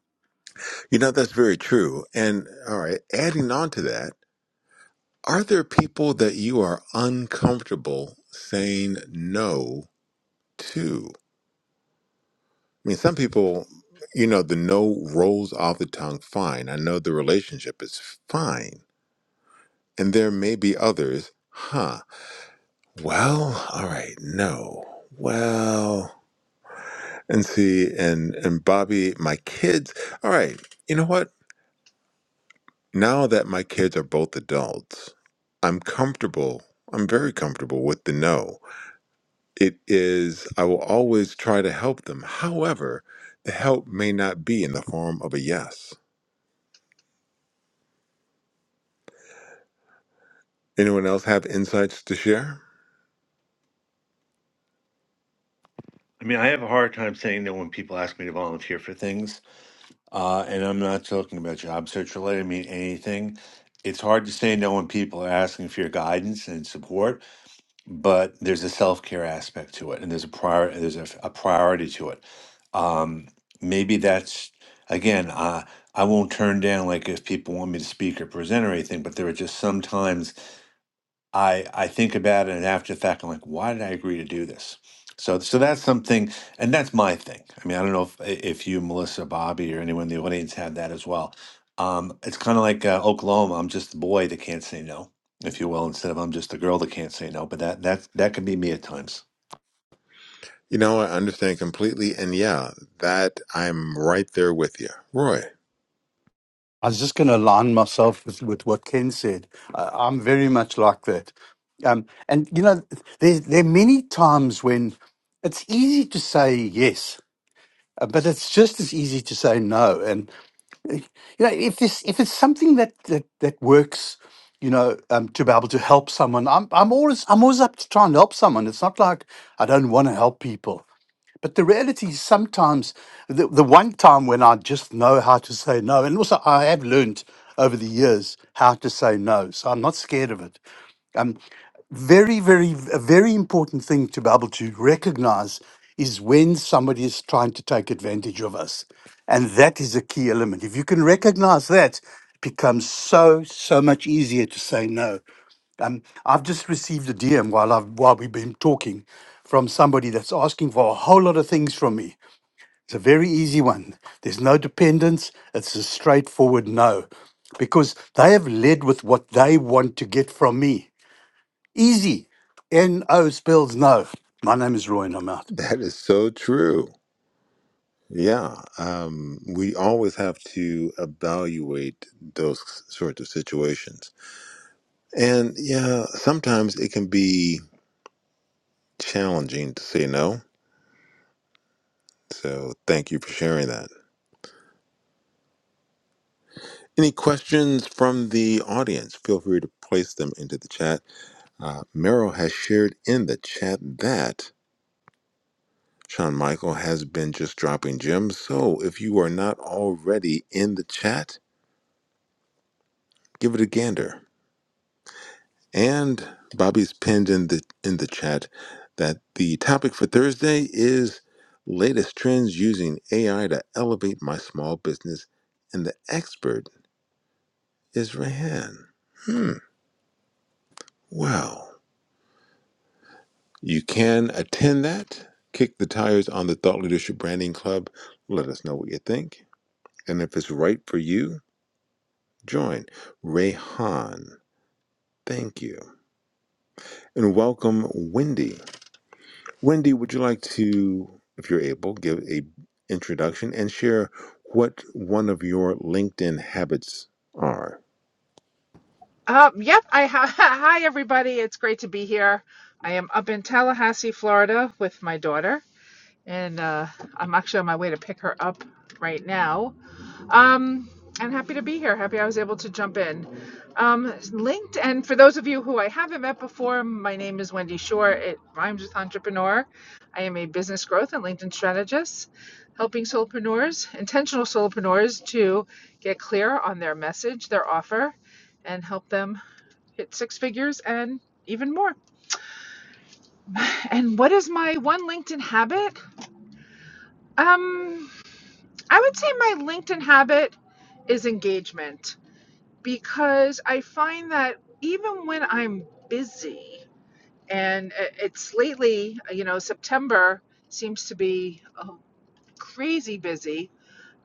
B: You know, that's very true. And all right, adding on to that, are there people that you are uncomfortable saying no to? I mean, some people, you know, the no rolls off the tongue fine. I know the relationship is fine. And there may be others, huh? Well, all right, no. Well, and see, and and Bobby, my kids. All right, you know what? now that my kids are both adults, I'm comfortable. I'm very comfortable with the no. It is, I will always try to help them. However, the help may not be in the form of a yes. Anyone else have insights to share?
C: mean, I have a hard time saying no when people ask me to volunteer for things, uh, and I'm not talking about job search related. I mean anything. It's hard to say no when people are asking for your guidance and support, but there's a self-care aspect to it and there's a prior there's a, a priority to it um maybe that's again uh, i won't turn down like if people want me to speak or present or anything but there are just sometimes I I think about it and after the fact I'm like, why did I agree to do this? So so that's something, and that's my thing. I mean, I don't know if if you, Melissa, Bobby, or anyone in the audience have that as well. Um, it's kind of like uh, Oklahoma. I'm just the boy that can't say no, if you will, instead of I'm just the girl that can't say no. But that that that can be me at times.
B: You know, I understand completely. And yeah, that I'm right there with you. Roy,
A: I was just going to align myself with, with what Ken said. Uh, I'm very much like that. Um, and, you know, there, there are many times when it's easy to say yes, uh, but it's just as easy to say no. And. you know if this if it's something that that, that works you know um, to be able to help someone i'm i'm always i'm always up to try and help someone it's not like i don't want to help people but the reality is sometimes the, the one time when i just know how to say no and also i have learned over the years how to say no so i'm not scared of it Um, very, very, a very important thing to be able to recognize is when somebody is trying to take advantage of us. And that is a key element. If you can recognize that, it becomes so, so much easier to say no. Um, I've just received a DM while I've while we've been talking from somebody that's asking for a whole lot of things from me. It's a very easy one. There's no dependence. It's a straightforward no because they have led with what they want to get from me Easy. N O spells no. My name is Roy and I'm out.
B: that is so true. Yeah, um, we always have to evaluate those sorts of situations And yeah, sometimes it can be challenging to say no. So thank you for sharing that. Any questions from the audience? Feel free to place them into the chat. Uh, Meryl has shared in the chat that Shawn Michael has been just dropping gems. So if you are not already in the chat, give it a gander. And Bobby's pinned in the in the chat that the topic for Thursday is latest trends using AI to elevate my small business, and the expert is Rahan. Hmm. Well, you can attend that. Kick the tires on the Thought Leadership Branding Club. Let us know what you think, and if it's right for you, join Rayhan. Thank you, and welcome, Wendy. Wendy, would you like to, if you're able, give a introduction and share what one of your LinkedIn habits are?
F: Uh, yep. I ha- hi everybody. It's great to be here. I am up in Tallahassee, Florida, with my daughter, and uh, I'm actually on my way to pick her up right now. Um, and happy to be here. Happy I was able to jump in. Um, LinkedIn. For those of you who I haven't met before, my name is Wendy Shore. It rhymes with entrepreneur. I am a business growth and LinkedIn strategist, helping solopreneurs, intentional solopreneurs, to get clear on their message, their offer, and help them hit six figures and even more. And what is my one LinkedIn habit? Um, I would say my LinkedIn habit is engagement because I find that even when I'm busy, and it's lately, you know, September seems to be oh, crazy busy,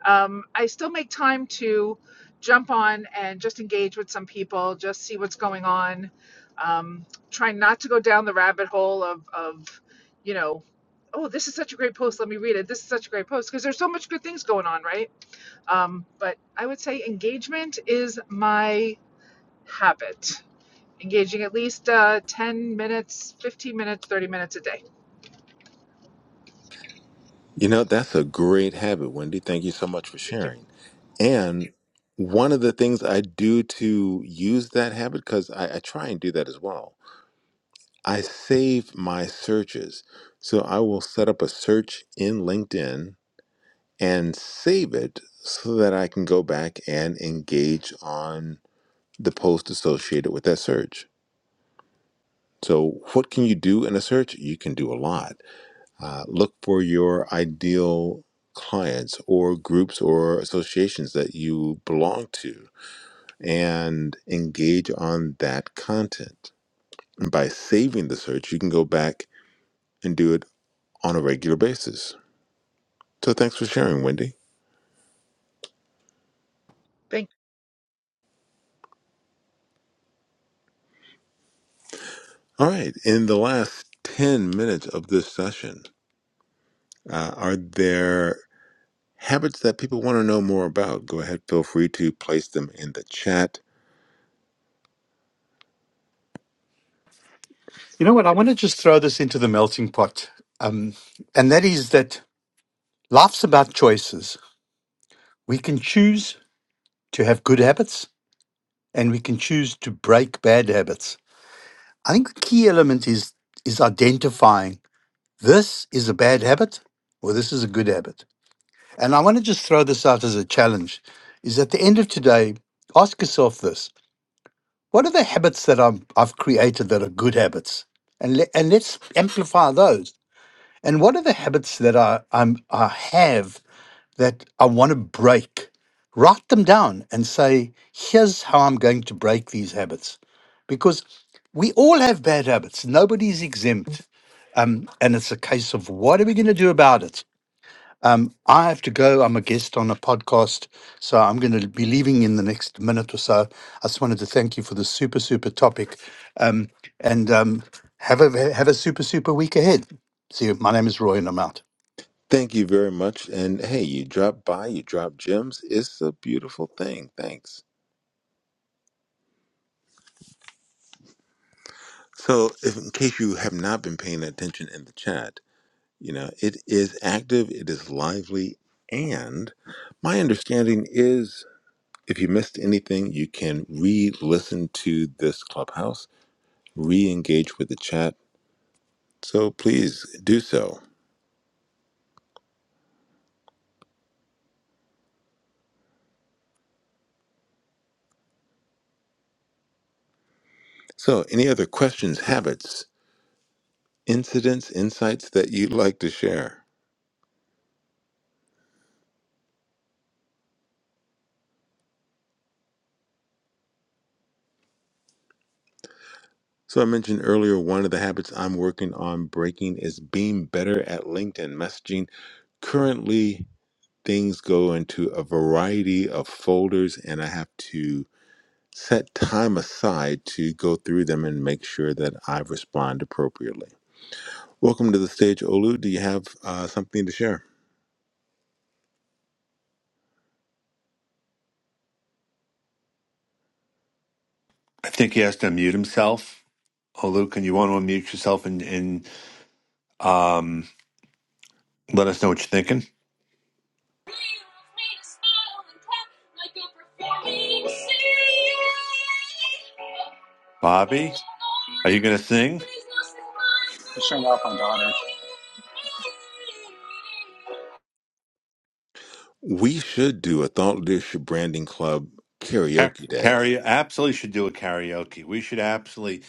F: um, I still make time to jump on and just engage with some people, just see what's going on. Um, try not to go down the rabbit hole of, of, you know, oh, this is such a great post. Let me read it. This is such a great post because there's so much good things going on, right? Um, but I would say engagement is my habit. Engaging at least uh, 10 minutes, 15 minutes, 30 minutes a day.
B: You know, that's a great habit, Wendy. Thank you so much for
F: Okay.
B: sharing. And one of the things I do to use that habit, because I, I try and do that as well, I save my searches. So I will set up a search in LinkedIn and save it so that I can go back and engage on the post associated with that search. So, what can you do in a search? You can do a lot. Uh, look for your ideal clients or groups or associations that you belong to and engage on that content. And by saving the search, you can go back and do it on a regular basis. So, thanks for sharing, Wendy.
F: Thank
B: All right, in the last 10 minutes of this session, uh, are there habits that people want to know more about, go ahead, feel free to place them in the chat.
A: You know what? I want to just throw this into the melting pot. Um, and that is that life's about choices. We can choose to have good habits and we can choose to break bad habits. I think the key element is is identifying this is a bad habit or this is a good habit. And I want to just throw this out as a challenge is at the end of today, ask yourself this. What are the habits that I'm, I've created that are good habits? And, le- and let's amplify those. And what are the habits that I, I'm, I have that I want to break? Write them down and say, here's how I'm going to break these habits. Because we all have bad habits, nobody's exempt. Um, and it's a case of what are we going to do about it? Um, I have to go. I'm a guest on a podcast, so I'm going to be leaving in the next minute or so. I just wanted to thank you for the super, super topic, um, and um, have a have a super, super week ahead. See you. My name is Roy, and I'm out.
B: Thank you very much. And hey, you drop by, you drop gems. It's a beautiful thing. Thanks. So, if, in case you have not been paying attention in the chat, you know, it is active, it is lively, and my understanding is if you missed anything, you can re listen to this clubhouse, re engage with the chat. So, please do so. So, any other questions, habits, incidents, insights that you'd like to share. So, I mentioned earlier one of the habits I'm working on breaking is being better at LinkedIn messaging. Currently, things go into a variety of folders, and I have to set time aside to go through them and make sure that I respond appropriately. Welcome to the stage, Olu. Do you have uh, something to share?
C: I think he has to unmute himself. Olu, can you want to unmute yourself and and um, let us know what you're thinking? Bobby, are you going to sing?
G: Just showing off my daughter.
B: We should do a thought leadership branding club
C: Car-
B: karaoke day.
C: Karaoke absolutely should do a karaoke. We should absolutely.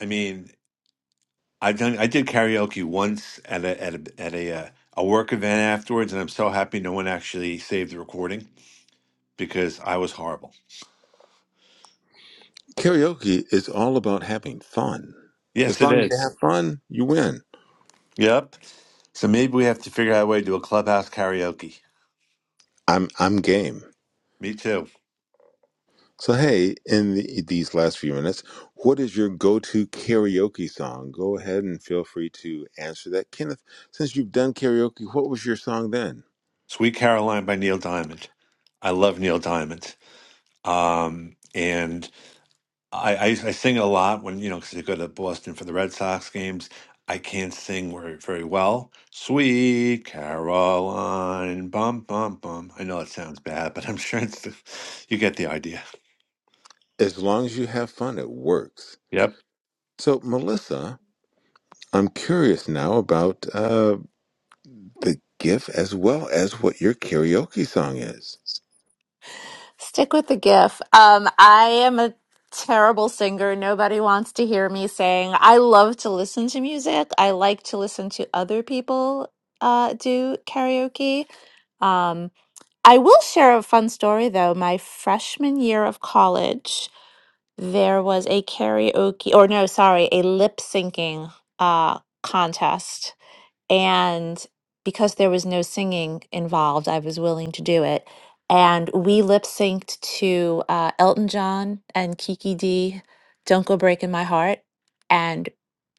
C: I mean, I've done. I did karaoke once at a at a at a, uh, a work event afterwards, and I'm so happy no one actually saved the recording because I was horrible.
B: Karaoke is all about having fun. As
C: Yes, it
B: long as you
C: is.
B: have fun, you win.
C: Yep. So maybe we have to figure out a way to do a clubhouse karaoke.
B: I'm I'm game.
C: Me too.
B: So hey, in the, these last few minutes, what is your go-to karaoke song? Go ahead and feel free to answer that, Kenneth. Since you've done karaoke, what was your song then?
C: Sweet Caroline by Neil Diamond. I love Neil Diamond. Um, and I, I I sing a lot when you know because I go to Boston for the Red Sox games. I can't sing very, very well. Sweet Caroline, bum bum bum. I know it sounds bad, but I'm sure it's the, you get the idea.
B: As long as you have fun, it works.
C: Yep,
B: So Melissa, I'm curious now about uh, the GIF as well as what your karaoke song is.
D: Stick with the GIF. Um, I am a terrible singer. Nobody wants to hear me sing. I love to listen to music. I like to listen to other people uh, do karaoke. Um, I will share a fun story though. My freshman year of college, there was a karaoke, or no, sorry, a lip syncing uh, contest and because there was no singing involved, I was willing to do it. And we lip synced to uh, Elton John and Kiki D, Don't Go Breaking My Heart, and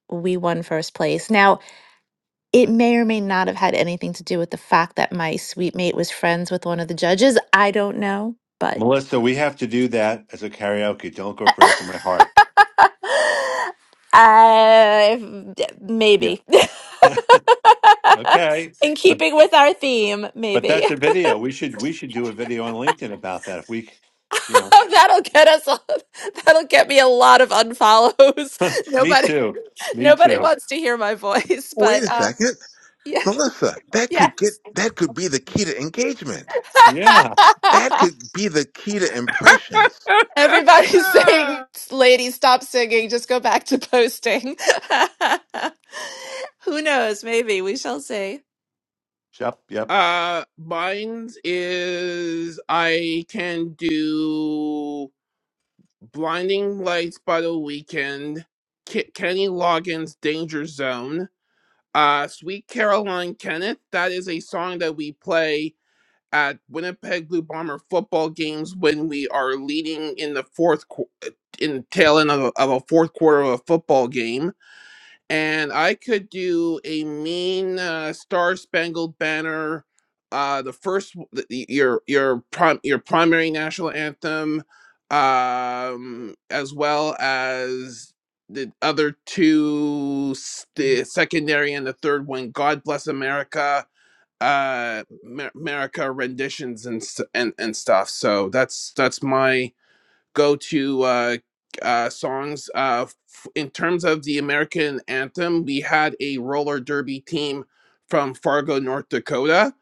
D: we won first place. Now, it may or may not have had anything to do with the fact that my sweet mate was friends with one of the judges. I don't know, but
C: Melissa, we have to do that as a karaoke. Don't go breaking my heart.
D: I
C: Yeah.
D: maybe.
C: Okay.
D: In
C: But
D: keeping with our theme,
C: but
D: maybe.
C: that's a video. We should we should do a video on LinkedIn about that. If we, you know,
D: that'll get us all, that'll get me a lot of unfollows.
C: me
D: Nobody
C: too, me
D: nobody
C: too.
D: wants to hear my voice,
B: Wait a
D: but uh
B: second.
D: yeah.
B: Melissa, that
D: Yeah.
B: could get that could be the key to engagement.
C: Yeah.
B: That could be the key to impressions.
D: Everybody's saying, lady, stop singing, just go back to posting. Who knows? Maybe we shall see.
C: Yep. Yep.
E: uh, mine is I can do blinding lights by the weekend. K- Kenny Loggins' Danger Zone. Uh, Sweet Caroline Kenneth. That is a song that we play at Winnipeg Blue Bomber football games when we are leading in the fourth qu- in tail end of a, of a fourth quarter of a football game, and I could do a mean uh, Star Spangled Banner, uh, the first w- the, the- your your prim, your primary national anthem, um, as well as the other two, s- the secondary and the third one, God Bless America uh Mer- America renditions and st- and and stuff. So that's that's my go-to uh uh songs uh f- in terms of the American anthem, we had a roller derby team from Fargo, North Dakota,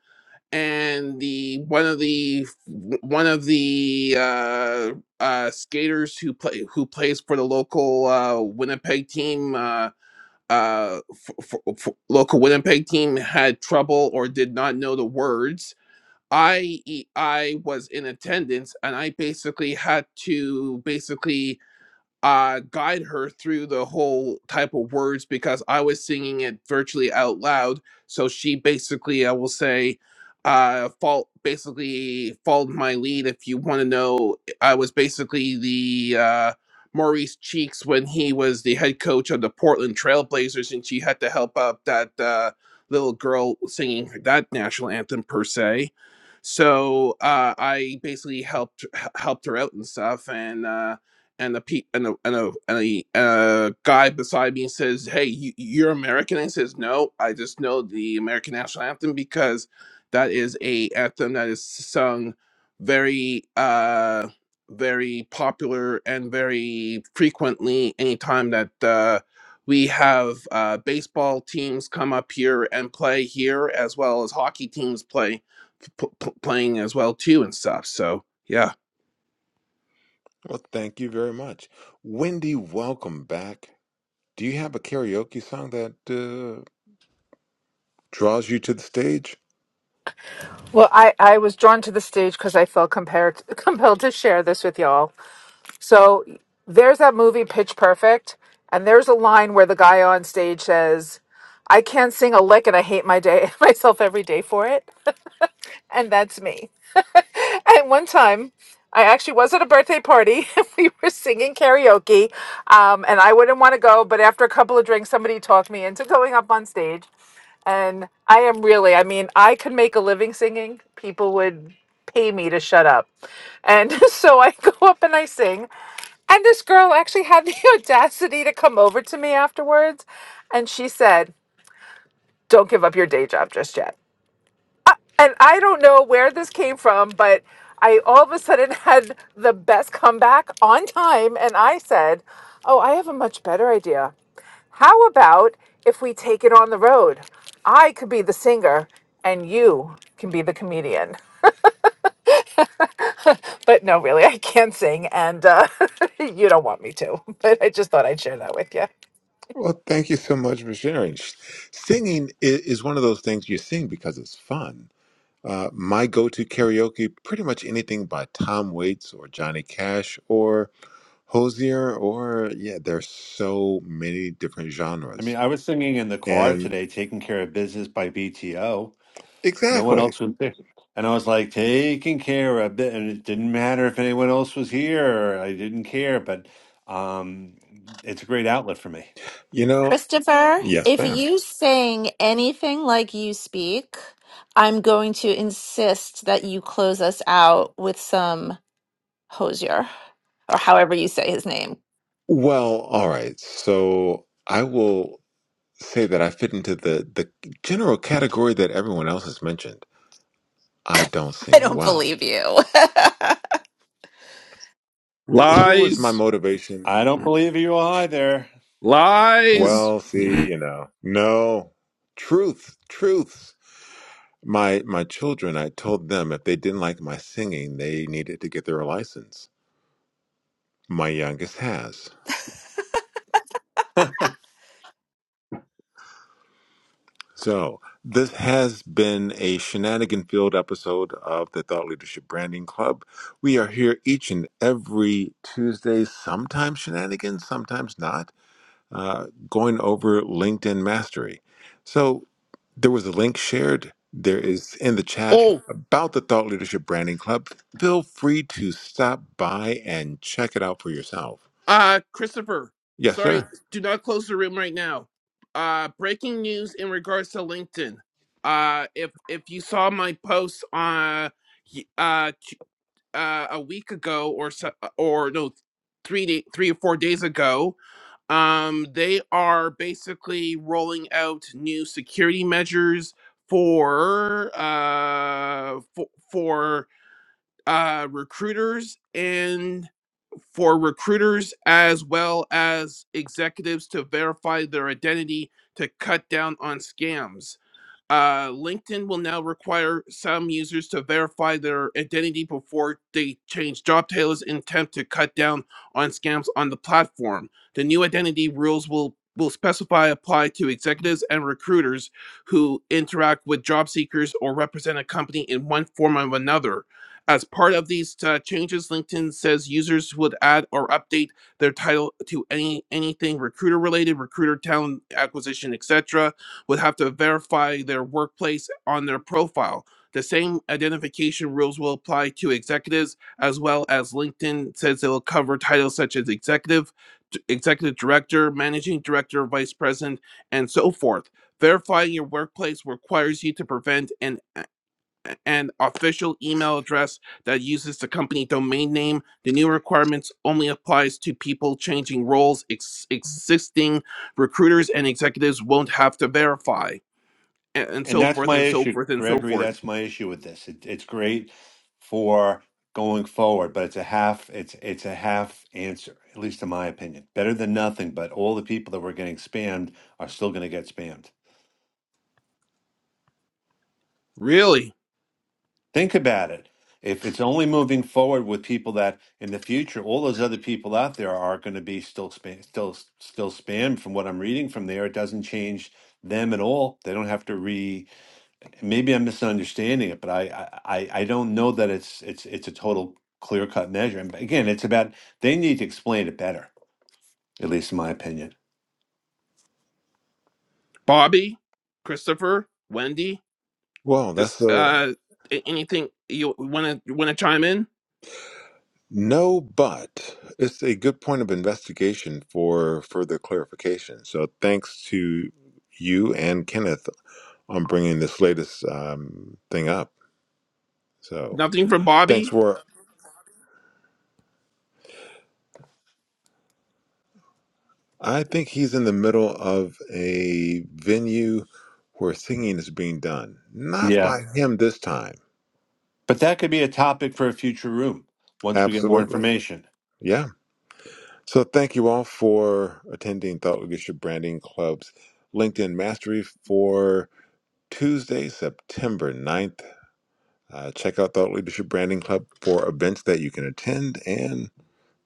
E: and the one of the one of the uh uh skaters who play who plays for the local uh Winnipeg team uh uh, f- f- f- local Winnipeg team had trouble or did not know the words. I e, I was in attendance and I basically had to basically uh, guide her through the whole type of words because I was singing it virtually out loud. So she basically, I will say, uh, fall basically followed my lead. If you want to know, I was basically the uh, Maurice Cheeks when he was the head coach of the Portland Trailblazers, and she had to help out that uh, little girl singing that national anthem per se. So uh, I basically helped helped her out and stuff, and. Uh, and the pe- and the and a and the uh, guy beside me says, "Hey, you, you're American." And he says, "No, I just know the American national anthem because that is a anthem that is sung very uh very popular and very frequently anytime that uh we have uh baseball teams come up here and play here as well as hockey teams play p- p- playing as well too and stuff so yeah
B: Well, thank you very much, Wendy. Welcome back. Do you have a karaoke song that uh, draws you to the stage?
F: Well, I, I was drawn to the stage because I felt compared, compelled to share this with y'all. So there's that movie Pitch Perfect, and there's a line where the guy on stage says, "I can't sing a lick, and I hate my day myself every day for it." And that's me. And one time, I actually was at a birthday party. and we were singing karaoke, um, and I wouldn't want to go, but after a couple of drinks, somebody talked me into going up on stage. And I am really, I mean, I could make a living singing. People would pay me to shut up. And so I go up and I sing. And this girl actually had the audacity to come over to me afterwards and she said, Don't give up your day job just yet. And I don't know where this came from, but I all of a sudden had the best comeback on time. And I said, Oh, I have a much better idea. How about if we take it on the road? I could be the singer and you can be the comedian. But no, really, I can't sing and uh, you don't want me to. But I just thought I'd share that with you.
B: Well, thank you so much for sharing. Sh- Singing i- is one of those things you sing because it's fun. Uh, my go-to karaoke, pretty much anything by Tom Waits or Johnny Cash or Hosier, or yeah, there's so many different
C: I
B: genres.
C: mean, I was singing in the car
B: And
C: today, Taking Care of Business by BTO. No one
B: exactly.
C: else was there. And I was like, taking care of it. And it didn't matter if anyone else was here. I didn't care, but um, it's a great outlet for me.
B: You know,
D: Christopher,
B: yes,
D: if
B: ma'am.
D: you sing anything like you speak, I'm going to insist that you close us out with some. Hosier, or however you say his name.
B: Well, all right. So I will say that I fit into the, the general category that everyone else has mentioned. I don't
D: I
B: sing
D: don't
B: well.
D: believe you.
B: Here was my
E: lies
B: motivation.
C: I don't believe you either.
E: Lies.
B: Well, see, you know, no truth, truths. My my children, I told them if they didn't like my singing, they needed to get their license. My youngest has.
C: and
B: So, this has been a shenanigan filled episode of the Thought Leadership Branding Club. We are here each and every Tuesday, sometimes shenanigans, sometimes not, uh, going over LinkedIn mastery. So, there was a link shared. There is in the chat
E: Oh,
B: about the Thought Leadership Branding Club. Feel free to stop by and check it out for yourself.
E: uh, Christopher,
B: Yes,
E: sorry,
B: sir.
E: do not close the room right now. Uh, breaking news in regards to LinkedIn. Uh, if if you saw my post on y- uh t- uh a week ago or so, or no, three day, three or four days ago, um, they are basically rolling out new security measures for uh for, for uh recruiters and. for recruiters as well as executives to verify their identity to cut down on scams. Uh, LinkedIn will now require some users to verify their identity before they change job titles in attempt to cut down on scams on the platform. The new identity rules will will specify apply to executives and recruiters who interact with job seekers or represent a company in one form or another. As part of these uh, changes, LinkedIn says users would add or update their title to any anything recruiter related, recruiter talent acquisition, etc would have to verify their workplace on their profile. The same identification rules will apply to executives as well as LinkedIn says it will cover titles such as executive, d- executive director, managing director, vice president, and so forth. Verifying your workplace requires you to prevent an an official email address that uses the company domain name. The new requirements only applies to people changing roles. Ex- existing recruiters and executives won't have to verify and, and so
C: that's
E: forth
C: my
E: and so
C: issue,
E: forth and so
C: Gregory. That's
E: forth.
C: my issue with this. It, it's great for going forward, but it's a half, it's, it's a half answer, at least in my opinion. Better than nothing, but all the people that were getting spammed are still going to get spammed.
E: Really,
C: Think about it. If it's only moving forward with people that in the future, all those other people out there are going to be still spam, still still spam. From what I'm reading from there, it doesn't change them at all. They don't have to re. Maybe I'm misunderstanding it, but I I, I I don't know that it's it's it's a total clear cut measure. And again, it's about they need to explain it better, at least in my opinion.
E: Bobby, Christopher, Wendy,
B: Well,
E: this
B: that's a
E: uh, a- anything you want to want to chime in?
B: No, but it's a good point of investigation for further clarification. So thanks to you and Kenneth on bringing this latest um, thing up. So
E: Nothing from
B: thanks
E: Bobby.
B: for. I think he's in the middle of a venue where singing is being done, not
C: Yeah,
B: by him this time.
C: but that could be a topic for a future room once we get more
B: Absolutely.
C: information.
B: Yeah. So thank you all for attending Thought Leadership Branding Club's LinkedIn Mastery for Tuesday, September ninth. Uh, check out Thought Leadership Branding Club for events that you can attend and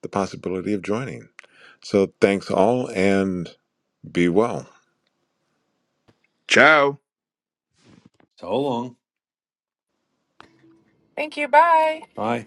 B: the possibility of joining. So thanks all and be well.
E: Ciao.
C: So long. Bye.